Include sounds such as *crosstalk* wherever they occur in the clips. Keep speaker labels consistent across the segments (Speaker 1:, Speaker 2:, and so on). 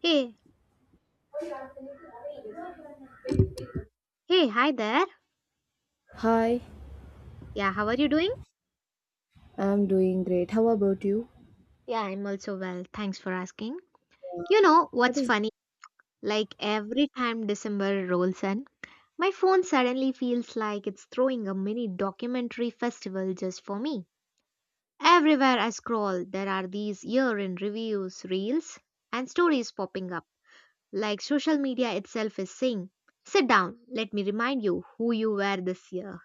Speaker 1: Hey, hey, hi there.
Speaker 2: Hi,
Speaker 1: Yeah, how are you doing?
Speaker 2: I'm doing great. How about you?
Speaker 1: Yeah, I'm also well. Thanks for asking. You know
Speaker 2: What
Speaker 1: what's
Speaker 2: is
Speaker 1: funny? Like every time December rolls in, my phone suddenly feels like it's throwing a mini documentary festival just for me. Everywhere I scroll, there are these year in reviews, reels, and stories popping up. Like social media itself is saying, sit down, let me remind you who you were this year.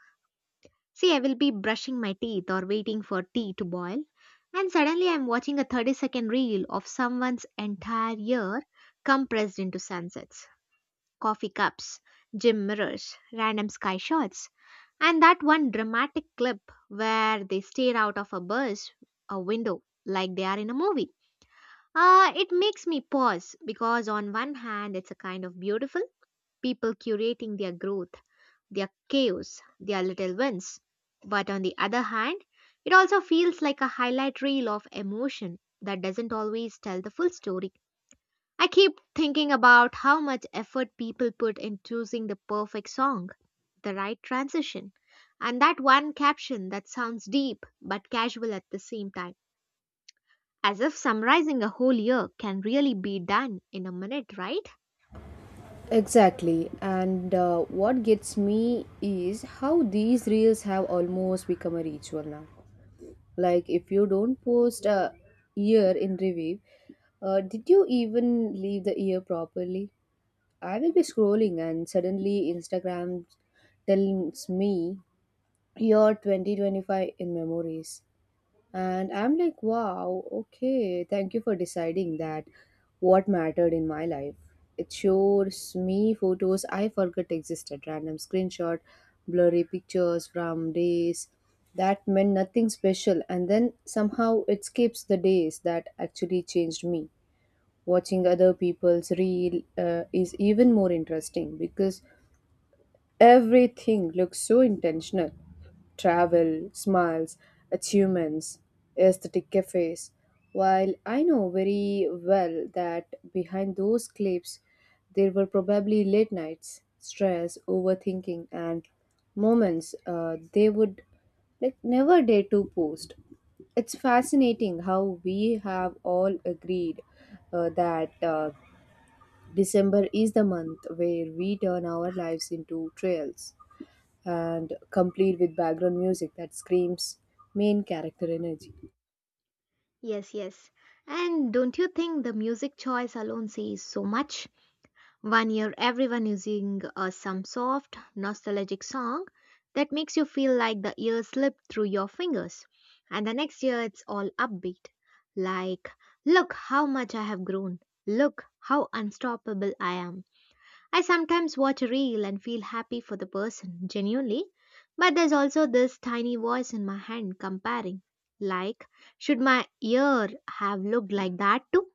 Speaker 1: See, I will be brushing my teeth or waiting for tea to boil, and suddenly I'm watching a 30-second reel of someone's entire year compressed into sunsets, coffee cups, gym mirrors, random sky shots, and that one dramatic clip where they stare out of a bus, a window, like they are in a movie. It makes me pause because, on one hand, it's a kind of beautiful people curating their growth, their chaos, their little wins. But on the other hand, it also feels like a highlight reel of emotion that doesn't always tell the full story. I keep thinking about how much effort people put in choosing the perfect song, the right transition, and that one caption that sounds deep but casual at the same time. As if summarizing a whole year can really be done in a minute, right?
Speaker 2: exactly? And what gets me is how these reels have almost become a ritual now. Like, if you don't post a year in review, did you even leave the year properly? I will be scrolling, and suddenly Instagram tells me your 2025 in memories. And I'm like, wow, okay, thank you for deciding that what mattered in my life. It shows me photos I forgot existed, random screenshot, blurry pictures from days that meant nothing special, and then somehow it skips the days that actually changed me. Watching other people's reel is even more interesting because everything looks so intentional, travel, smiles, achievements, aesthetic cafes. While I know very well that behind those clips there were probably late nights, stress, overthinking, and moments they would like never dare to post. It's fascinating how we have all agreed that December is the month where we turn our lives into trails and complete with background music that screams main character energy.
Speaker 1: Yes, yes. And don't you think the music choice alone says so much? One year, everyone using some soft, nostalgic song that makes you feel like the year slipped through your fingers. And the next year, it's all upbeat. Like, look how much I have grown. Look how unstoppable I am. I sometimes watch a reel and feel happy for the person, genuinely. But there's also this tiny voice in my head comparing. Like, should my year have looked like that too?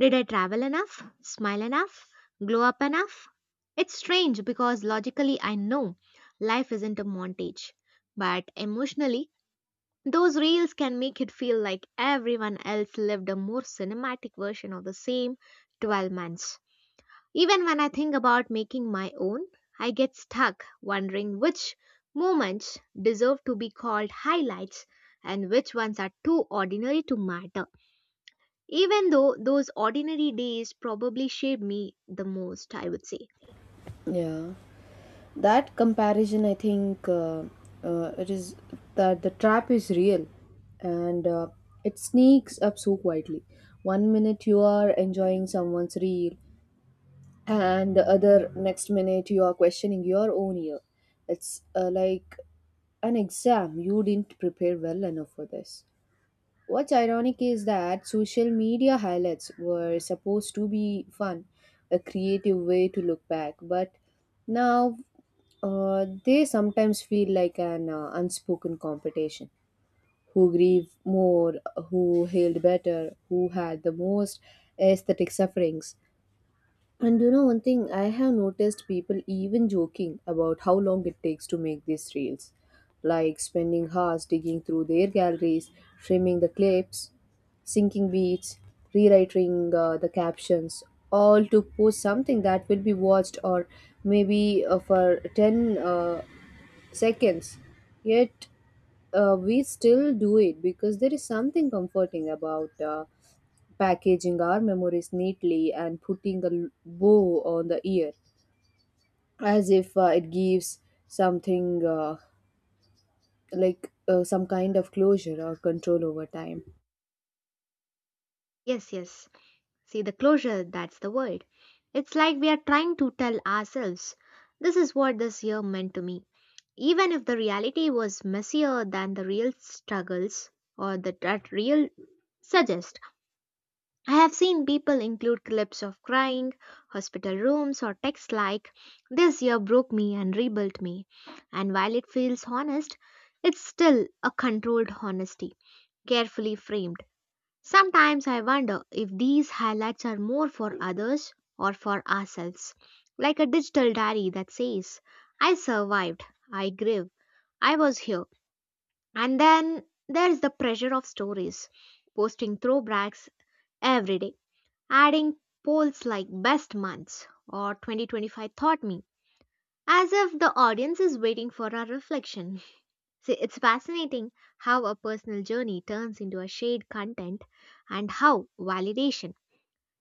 Speaker 1: Did I travel enough? Smile enough? Glow up enough? It's strange because logically I know life isn't a montage, but emotionally, those reels can make it feel like everyone else lived a more cinematic version of the same 12 months. Even when I think about making my own, I get stuck wondering which moments deserve to be called highlights and which ones are too ordinary to matter. Even though those ordinary days probably shaped me the most, I would say.
Speaker 2: Yeah, that comparison, I think it is that the trap is real, and it sneaks up so quietly. One minute you are enjoying someone's reel, and the other next minute you are questioning your own year. It's like an exam you didn't prepare well enough for this. What's ironic is that social media highlights were supposed to be fun, a creative way to look back, but now they sometimes feel like an unspoken competition. Who grieved more, who healed better, who had the most aesthetic sufferings. And you know, one thing I have noticed, people even joking about how long it takes to make these reels, like spending hours digging through their galleries, trimming the clips, syncing beats, rewriting the captions, all to post something that will be watched or maybe for 10 seconds. Yet we still do it because there is something comforting about packaging our memories neatly and putting a bow on the ear, as if it gives something, some kind of closure or control over time.
Speaker 1: Yes, yes. See, the closure, that's the word. It's like we are trying to tell ourselves this is what this year meant to me. Even if the reality was messier than the real struggles or the, that real suggest. I have seen people include clips of crying, hospital rooms, or texts like, this year broke me and rebuilt me. And while it feels honest, it's still a controlled honesty, carefully framed. Sometimes I wonder if these highlights are more for others or for ourselves. Like a digital diary that says, I survived, I grieve, I was here. And then there's the pressure of stories, posting throwbacks every day, adding polls like best months or 2025 taught me, as if the audience is waiting for our reflection. *laughs* See, it's fascinating how a personal journey turns into a shared content, and how validation,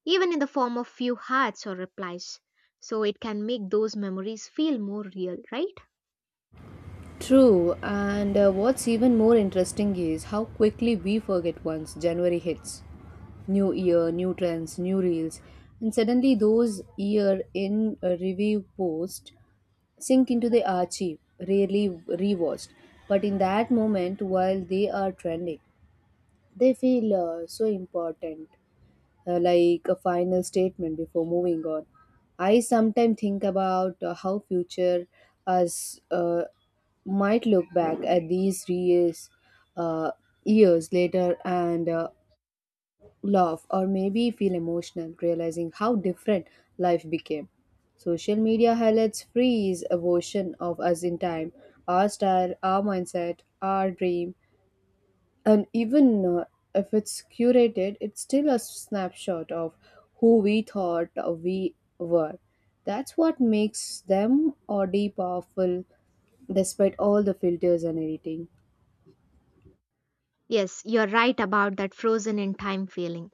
Speaker 1: even in the form of few hearts or replies, so it can make those memories feel more real, right?
Speaker 2: True, and what's even more interesting is how quickly we forget once January hits. New year, new trends, new reels, and suddenly those year in a review posts sink into the archive, rarely rewatched. But in that moment, while they are trending, they feel so important, like a final statement before moving on. I sometimes think about how future us might look back at these 3 years uh, years later and laugh or maybe feel emotional realizing how different life became. Social media highlights freeze a version of us in time, our style, our mindset, our dream, and even if it's curated, it's still a snapshot of who we thought we were. That's what makes them oddly powerful despite all the filters and editing.
Speaker 1: Yes, you're right about that frozen in time feeling.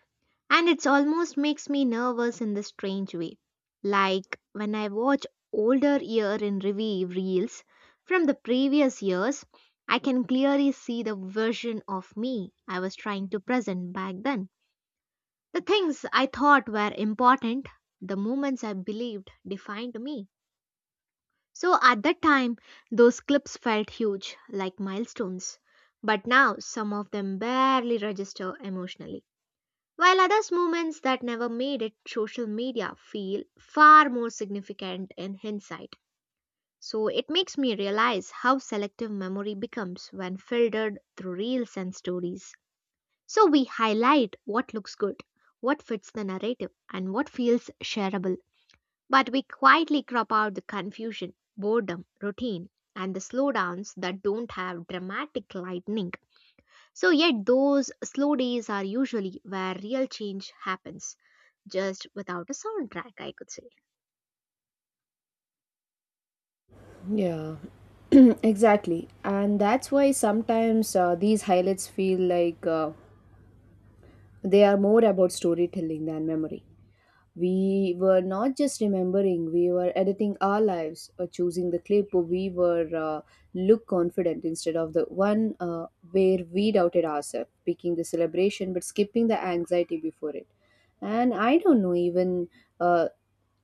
Speaker 1: And it's almost makes me nervous in this strange way. Like when I watch older year in review reels from the previous years, I can clearly see the version of me I was trying to present back then. The things I thought were important, the moments I believed defined me. So at that time, those clips felt huge, like milestones. But now, some of them barely register emotionally, while others' movements that never made it social media feel far more significant in hindsight. So it makes me realize how selective memory becomes when filtered through reels and stories. So we highlight what looks good, what fits the narrative, and what feels shareable. But we quietly crop out the confusion, boredom, routine, and the slowdowns that don't have dramatic lightning. So, yet, those slow days are usually where real change happens, just without a soundtrack, I could say.
Speaker 2: Yeah, *clears throat* exactly. And that's why sometimes these highlights feel like they are more about storytelling than memory. We were not just remembering, we were editing our lives, or choosing the clip where we were look confident instead of the one where we doubted ourselves, picking the celebration but skipping the anxiety before it. And I don't know, even uh,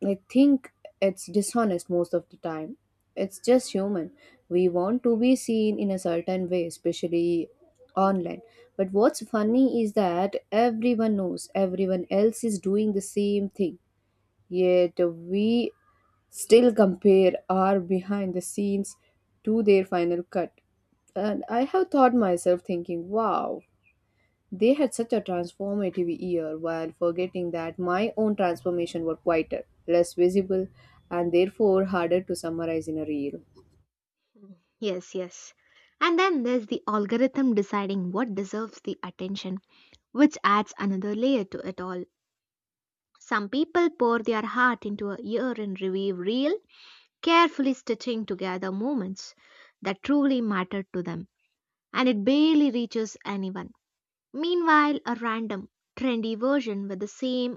Speaker 2: I think it's dishonest most of the time. It's just human. We want to be seen in a certain way, especially online. But what's funny is that everyone knows everyone else is doing the same thing, yet we still compare our behind the scenes to their final cut. And I have thought myself thinking, wow, they had such a transformative year, while forgetting that my own transformation were quieter, less visible, and therefore harder to summarize in a reel.
Speaker 1: Yes, yes. And then there's the algorithm deciding what deserves the attention, which adds another layer to it all. Some people pour their heart into a year in review reel, carefully stitching together moments that truly matter to them, and it barely reaches anyone. Meanwhile, a random, trendy version with the same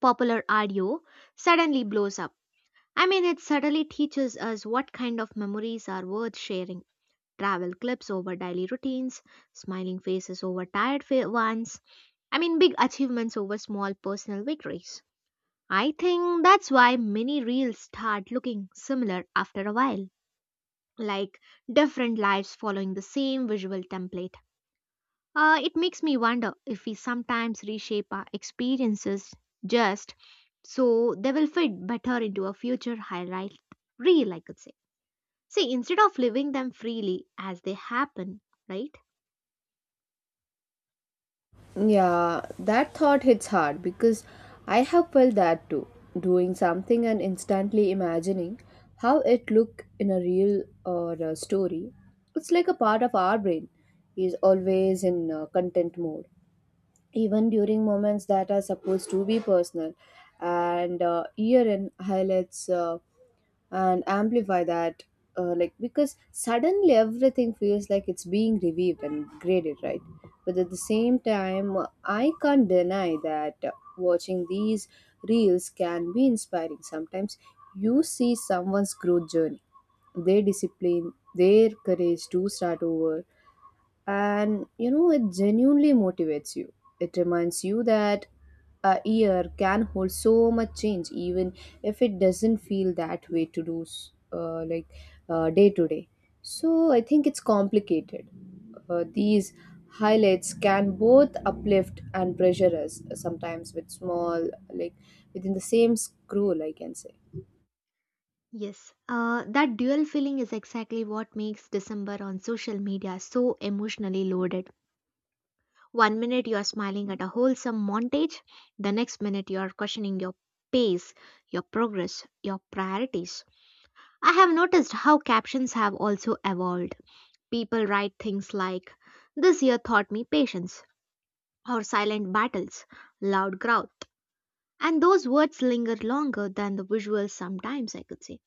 Speaker 1: popular audio suddenly blows up. I mean, it suddenly teaches us what kind of memories are worth sharing, travel clips over daily routines, smiling faces over ones. I mean, big achievements over small personal victories. I think that's why many reels start looking similar after a while, like different lives following the same visual template. It makes me wonder if we sometimes reshape our experiences just so they will fit better into a future highlight reel, I could say. See, instead of living them freely as they happen, right?
Speaker 2: Yeah, that thought hits hard because I have felt that too. Doing something and instantly imagining how it look in a real or a story. It's like a part of our brain is always in content mode, even during moments that are supposed to be personal. And year in highlights. And amplify that, because suddenly everything feels like it's being reviewed and graded, right? But at the same time, I can't deny that watching these reels can be inspiring sometimes. You see someone's growth journey, their discipline, their courage to start over, and you know it genuinely motivates you. It reminds you that a year can hold so much change, even if it doesn't feel that way to do day to day. So I think it's complicated. These highlights can both uplift and pressure us, sometimes with small like within the same scroll, I can say.
Speaker 1: Yes, that dual feeling is exactly what makes December on social media so emotionally loaded. One minute you are smiling at a wholesome montage, the next minute you are questioning your pace, your progress, your priorities. I have noticed how captions have also evolved. People write things like, this year taught me patience, or silent battles, loud growth. And those words linger longer than the visuals sometimes, I could say.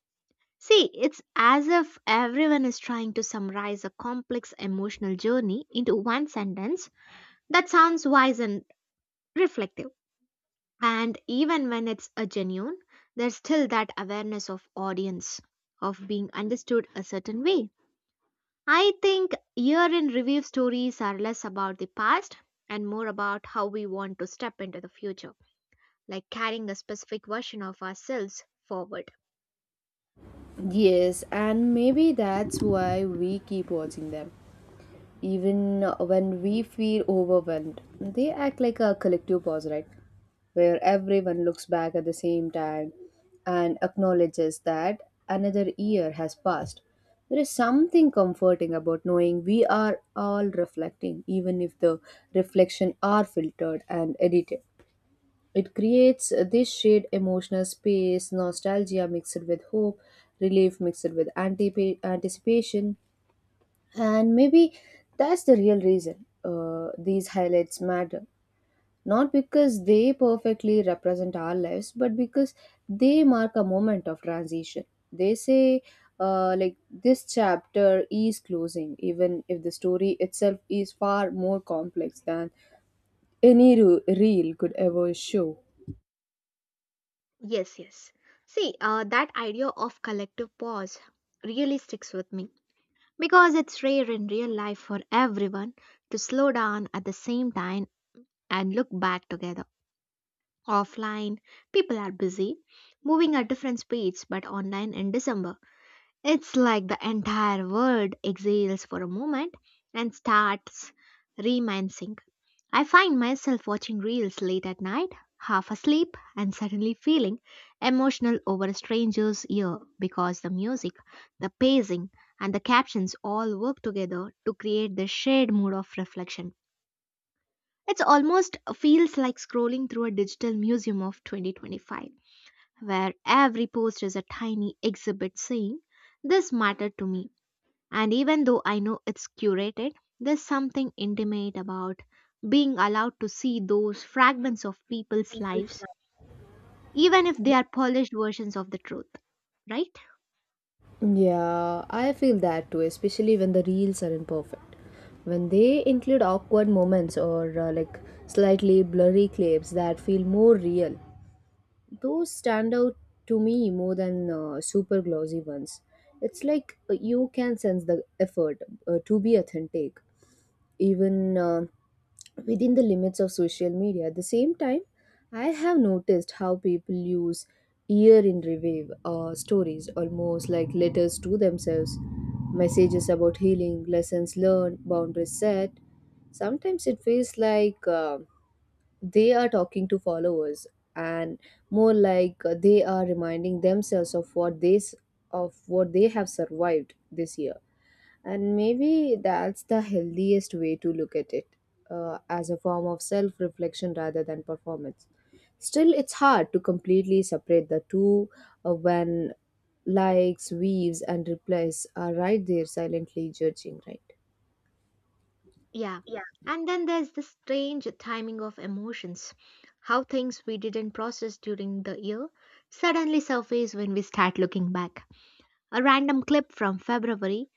Speaker 1: See, it's as if everyone is trying to summarize a complex emotional journey into one sentence that sounds wise and reflective. And even when it's a genuine, there's still that awareness of audience, of being understood a certain way. I think year in review stories are less about the past and more about how we want to step into the future, like carrying a specific version of ourselves forward.
Speaker 2: Yes, and maybe that's why we keep watching them, even when we feel overwhelmed. They act like a collective pause, right? Where everyone looks back at the same time and acknowledges that another year has passed. There is something comforting about knowing we are all reflecting, even if the reflection are filtered and edited. It creates this shared emotional space, nostalgia mixed with hope, relief mixed with anticipation. And maybe that's the real reason these highlights matter. Not because they perfectly represent our lives, but because they mark a moment of transition. They say, this chapter is closing, even if the story itself is far more complex than any reel could ever show.
Speaker 1: Yes, yes. See, that idea of collective pause really sticks with me because it's rare in real life for everyone to slow down at the same time and look back together. Offline, people are busy, moving at different speeds, but online in December, it's like the entire world exhales for a moment and starts reminiscing. I find myself watching reels late at night, half asleep, and suddenly feeling emotional over a stranger's ear because the music, the pacing, and the captions all work together to create this shared mood of reflection. It almost feels like scrolling through a digital museum of 2025, where every post is a tiny exhibit saying, this mattered to me, and even though I know it's curated, there's something intimate about being allowed to see those fragments of people's lives, even if they are polished versions of the truth, right?
Speaker 2: Yeah, I feel that too, especially when the reels are imperfect. When they include awkward moments or slightly blurry clips that feel more real, those stand out to me more than super glossy ones. It's like you can sense the effort to be authentic. Even within the limits of social media. At the same time, I have noticed how people use year in review stories almost like letters to themselves, messages about healing, lessons learned, boundaries set. Sometimes it feels like they are talking to followers and more like they are reminding themselves of what they have survived this year. And maybe that's the healthiest way to look at it, as a form of self reflection rather than performance. Still, it's hard to completely separate the two when likes, weaves, and replies are right there silently judging, right?
Speaker 1: Yeah. And then there's the strange timing of emotions. How things we didn't process during the year suddenly surface when we start looking back. A random clip from February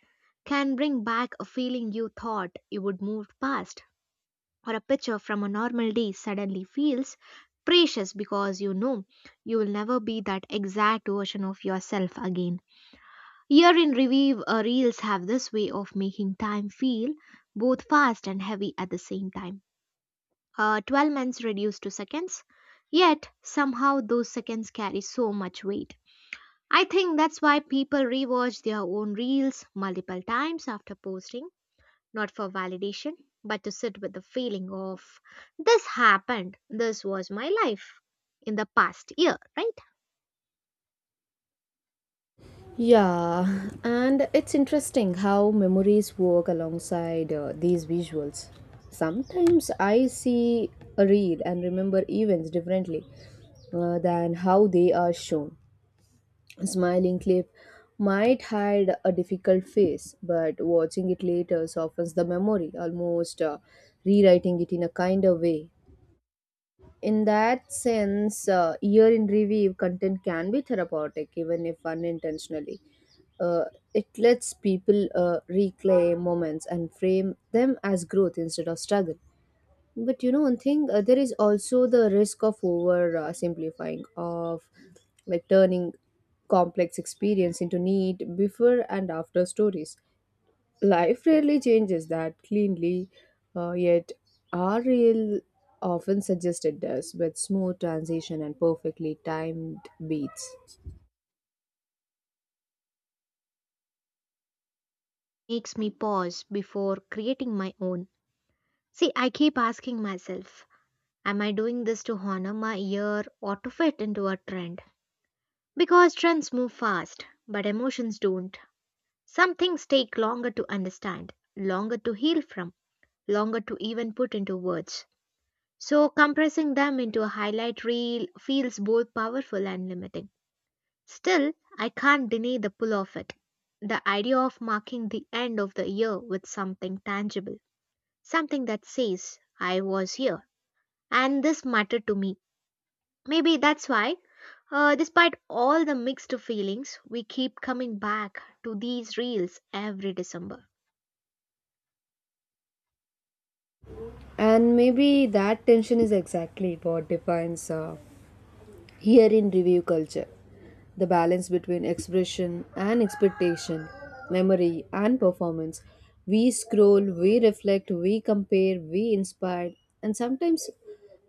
Speaker 1: can bring back a feeling you thought you would move past, or a picture from a normal day suddenly feels precious because you know you will never be that exact version of yourself again. Year in review reels have this way of making time feel both fast and heavy at the same time. 12 months reduced to seconds, yet somehow those seconds carry so much weight. I think that's why people rewatch their own reels multiple times after posting, not for validation, but to sit with the feeling of this happened, this was my life in the past year, right?
Speaker 2: Yeah, and it's interesting how memories work alongside these visuals. Sometimes I see a reel and remember events differently than how they are shown. Smiling clip might hide a difficult face, but watching it later softens the memory, almost rewriting it in a kinder way. In that sense, year in review content can be therapeutic, even if unintentionally. Uh, it lets people reclaim moments and frame them as growth instead of struggle. But you know, one thing, there is also the risk of over simplifying, of like turning complex experience into neat before and after stories. Life rarely changes that cleanly, yet our real often suggested does with smooth transition and perfectly timed beats.
Speaker 1: Makes me pause before creating my own. See, I keep asking myself, am I doing this to honor my year or to fit into a trend? Because trends move fast, but emotions don't. Some things take longer to understand, longer to heal from, longer to even put into words. So, compressing them into a highlight reel feels both powerful and limiting. Still, I can't deny the pull of it. The idea of marking the end of the year with something tangible, something that says, I was here, and this mattered to me. Maybe that's why, despite all the mixed feelings, we keep coming back to these reels every December.
Speaker 2: And maybe that tension is exactly what defines here in review culture, the balance between expression and expectation, memory and performance. We scroll, we reflect, we compare, we inspire, and sometimes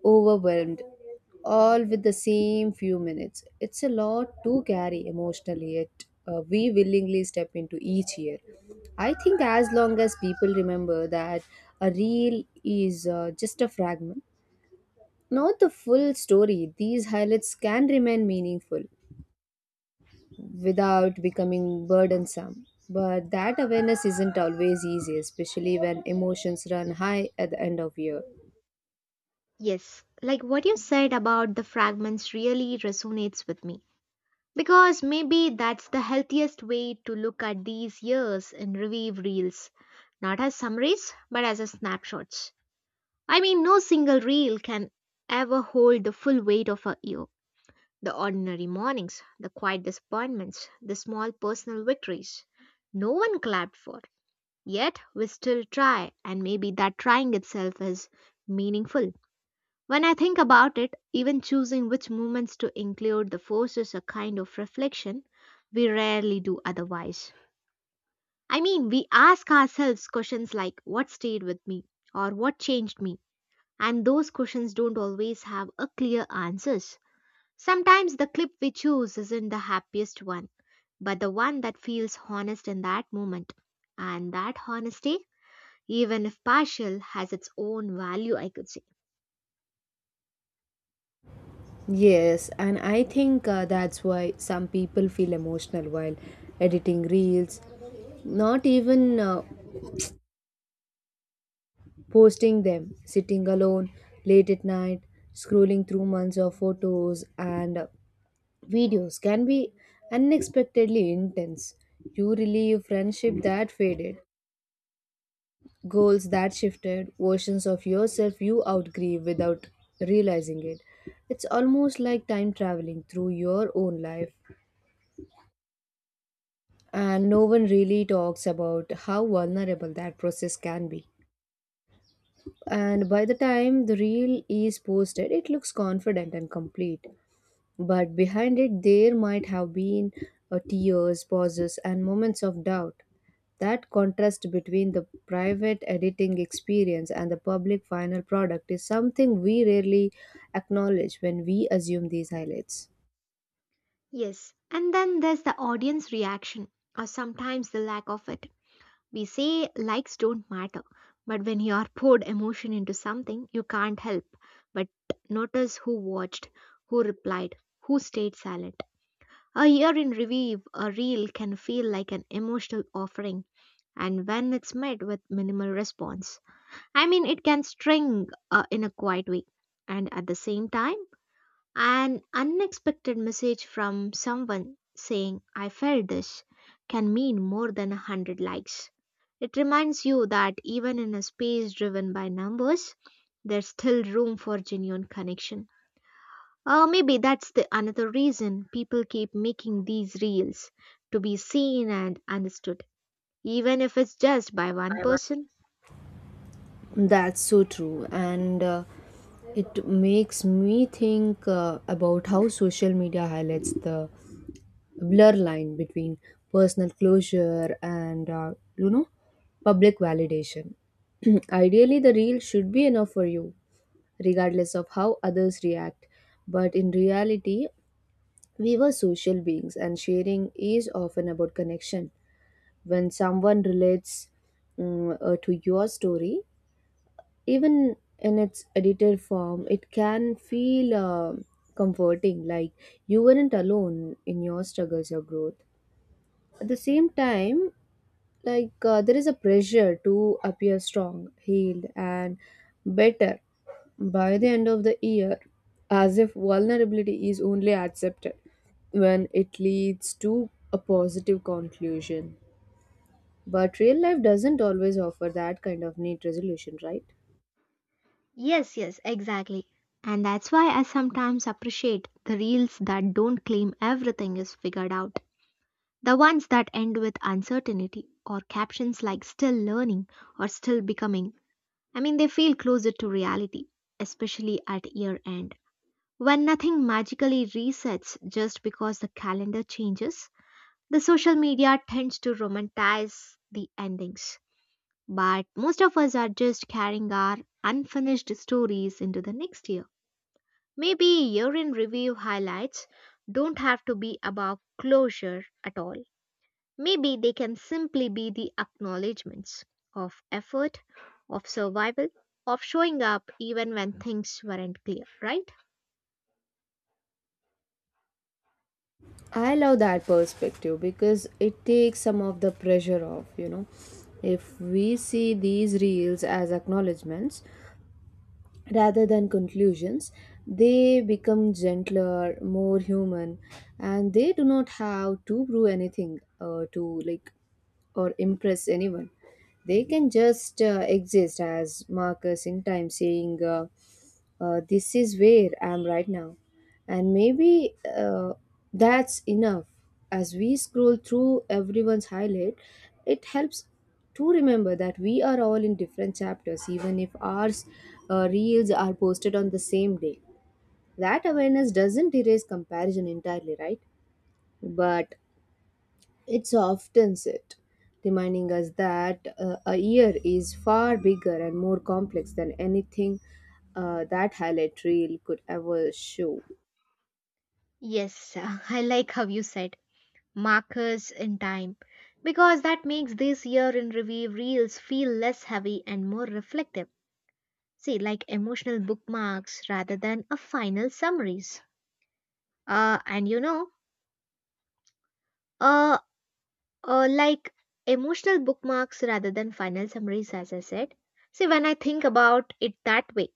Speaker 2: overwhelmed, all with the same few minutes. It's a lot to carry emotionally, yet we willingly step into each year. I think as long as people remember that a reel is just a fragment, not the full story, these highlights can remain meaningful without becoming burdensome. But that awareness isn't always easy, especially when emotions run high at the end of year.
Speaker 1: Yes, like what you said about the fragments really resonates with me, because maybe that's the healthiest way to look at these years in review reels, not as summaries, but as a snapshots. I mean, no single reel can ever hold the full weight of a year. The ordinary mornings, the quiet disappointments, the small personal victories. No one clapped for. Yet we still try, and maybe that trying itself is meaningful. When I think about it, even choosing which movements to include the forces a kind of reflection we rarely do otherwise. I mean, we ask ourselves questions like what stayed with me or what changed me, and those questions don't always have a clear answers. Sometimes the clip we choose isn't the happiest one, but the one that feels honest in that moment. And that honesty, even if partial, has its own value, I could say.
Speaker 2: Yes, and I think that's why some people feel emotional while editing reels, not even posting them. Sitting alone late at night, scrolling through months of photos and videos can be unexpectedly intense. You relive friendship that faded, goals that shifted, versions of yourself you outgrew without realizing it. It's almost like time traveling through your own life, and no one really talks about how vulnerable that process can be. And by the time the reel is posted, it looks confident and complete. But behind it, there might have been tears, pauses, and moments of doubt. That contrast between the private editing experience and the public final product is something we rarely acknowledge when we assume these highlights.
Speaker 1: Yes, and then there's the audience reaction, or sometimes the lack of it. We say likes don't matter, but when you are poured emotion into something, you can't help but notice who watched, who replied, who stayed silent. A year in review, a reel can feel like an emotional offering, and when it's met with minimal response, I mean, it can string in a quiet way. And at the same time, an unexpected message from someone saying, I felt this, can mean more than a hundred likes. It reminds you that even in a space driven by numbers, there's still room for genuine connection. Or maybe that's the another reason people keep making these reels to be seen and understood, even if it's just by one person.
Speaker 2: That's so true, and it makes me think about how social media highlights the blur line between personal closure and, you know, public validation. *clears throat* Ideally the reel should be enough for you regardless of how others react, but in reality we were social beings and sharing is often about connection. When someone relates, to your story, even in its edited form, it can feel comforting, like you weren't alone in your struggles or growth. At the same time, like there is a pressure to appear strong, healed, and better by the end of the year, as if vulnerability is only accepted when it leads to a positive conclusion. But real life doesn't always offer that kind of neat resolution, right?
Speaker 1: Yes, yes, exactly. And that's why I sometimes appreciate the reels that don't claim everything is figured out. The ones that end with uncertainty or captions like still learning or still becoming. I mean, they feel closer to reality, especially at year end. When nothing magically resets just because the calendar changes, the social media tends to romanticize the endings. But most of us are just carrying our unfinished stories into the next year. Maybe year in review highlights don't have to be about closure at all. Maybe they can simply be the acknowledgements of effort, of survival, of showing up even when things weren't clear, right?
Speaker 2: I love that perspective because it takes some of the pressure off, you know. If we see these reels as acknowledgements rather than conclusions, they become gentler, more human, and they do not have to prove anything to like or impress anyone. They can just exist as markers in time saying, this is where I am right now. And maybe that's enough. As we scroll through everyone's highlight, it helps to remember that we are all in different chapters, even if ours reels are posted on the same day. That awareness doesn't erase comparison entirely, right? But it softens it, reminding us that a year is far bigger and more complex than anything that highlight reel could ever show.
Speaker 1: Yes, *laughs* I like how you said markers in time because that makes this year in review reels feel less heavy and more reflective. See, like emotional bookmarks rather than a final summaries. And you know, uh, like emotional bookmarks rather than final summaries, as I said. See, when I think about it that way,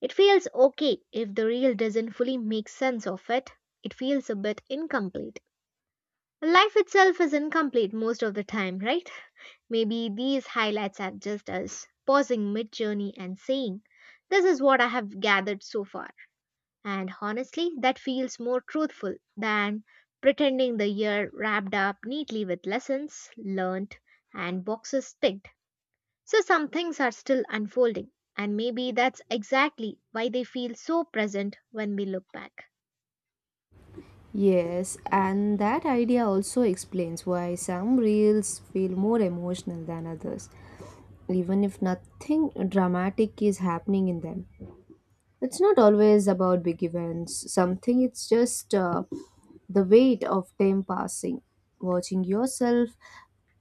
Speaker 1: it feels okay if the reel doesn't fully make sense of it. It feels a bit incomplete. Life itself is incomplete most of the time, right? Maybe these highlights are just us pausing mid journey and saying, this is what I have gathered so far. And honestly, that feels more truthful than pretending the year wrapped up neatly with lessons learned and boxes ticked. So some things are still unfolding, and maybe that's exactly why they feel so present when we look back.
Speaker 2: Yes, and that idea also explains why some reels feel more emotional than others, even if nothing dramatic is happening in them. It's not always about big events, something, it's just the weight of time passing. Watching yourself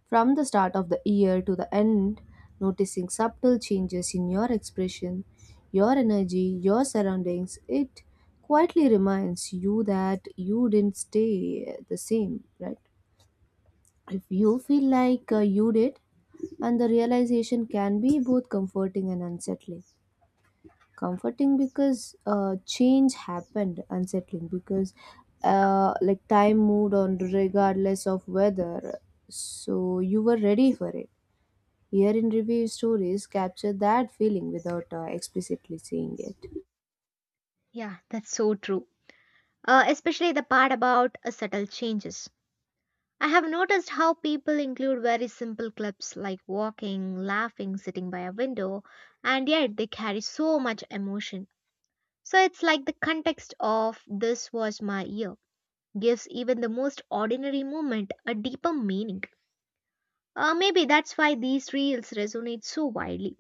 Speaker 2: from the start of the year to the end, noticing subtle changes in your expression, your energy, your surroundings, it quietly reminds you that you didn't stay the same, right? If you feel like you did, and the realization can be both comforting and unsettling, comforting because change happened, unsettling because time moved on regardless of weather, so you were ready for it. Here in review stories capture that feeling without explicitly saying it.
Speaker 1: Yeah, that's so true. Especially the part about subtle changes. I have noticed how people include very simple clips like walking, laughing, sitting by a window, and yet they carry so much emotion. So it's like the context of this was my year gives even the most ordinary moment a deeper meaning. Maybe that's why these reels resonate so widely.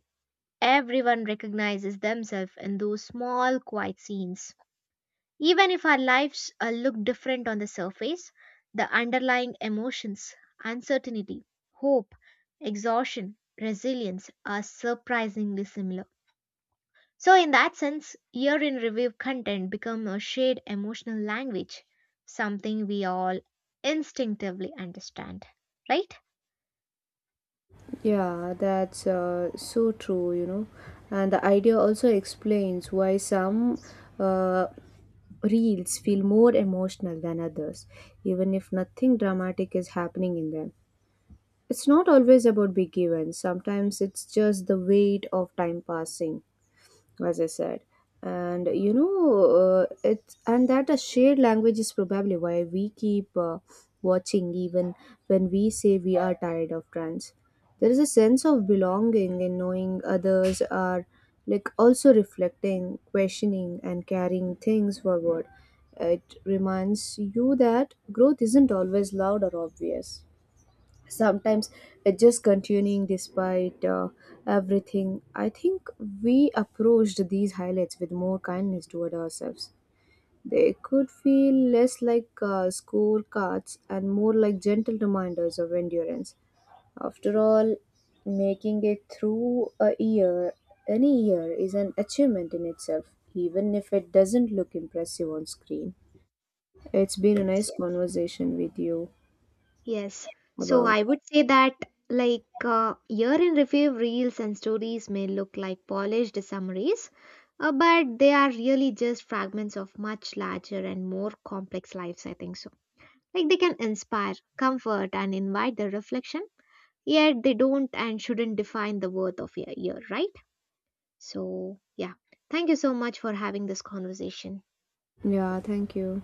Speaker 1: Everyone recognizes themselves in those small, quiet scenes. Even if our lives look different on the surface, the underlying emotions, uncertainty, hope, exhaustion, resilience are surprisingly similar. So, in that sense, year in review content become a shared emotional language, something we all instinctively understand, right?
Speaker 2: Yeah, that's so true, you know. And the idea also explains why some uh, reels feel more emotional than others, even if nothing dramatic is happening in them. It's not always about big events. Sometimes it's just the weight of time passing, as I said. And you know, it's and that a shared language is probably why we keep watching, even when we say we are tired of trends. There is a sense of belonging in knowing others are like also reflecting, questioning, and carrying things forward. It reminds you that growth isn't always loud or obvious, sometimes it's just continuing despite everything. I think we approached these highlights with more kindness toward ourselves, they could feel less like scorecards and more like gentle reminders of endurance. After all, making it through a year, any year, is an achievement in itself, even if it doesn't look impressive on screen. It's been a
Speaker 1: Yes,
Speaker 2: nice conversation with you.
Speaker 1: yes. So
Speaker 2: About.
Speaker 1: I would say that like year in review reels and stories may look like polished summaries, but they are really just fragments of much larger and more complex lives, I think so. Like they can inspire, comfort, and invite the reflection, yet they don't and shouldn't define the worth of a year, right? So, yeah, thank you so much for having this conversation.
Speaker 2: Yeah, thank you.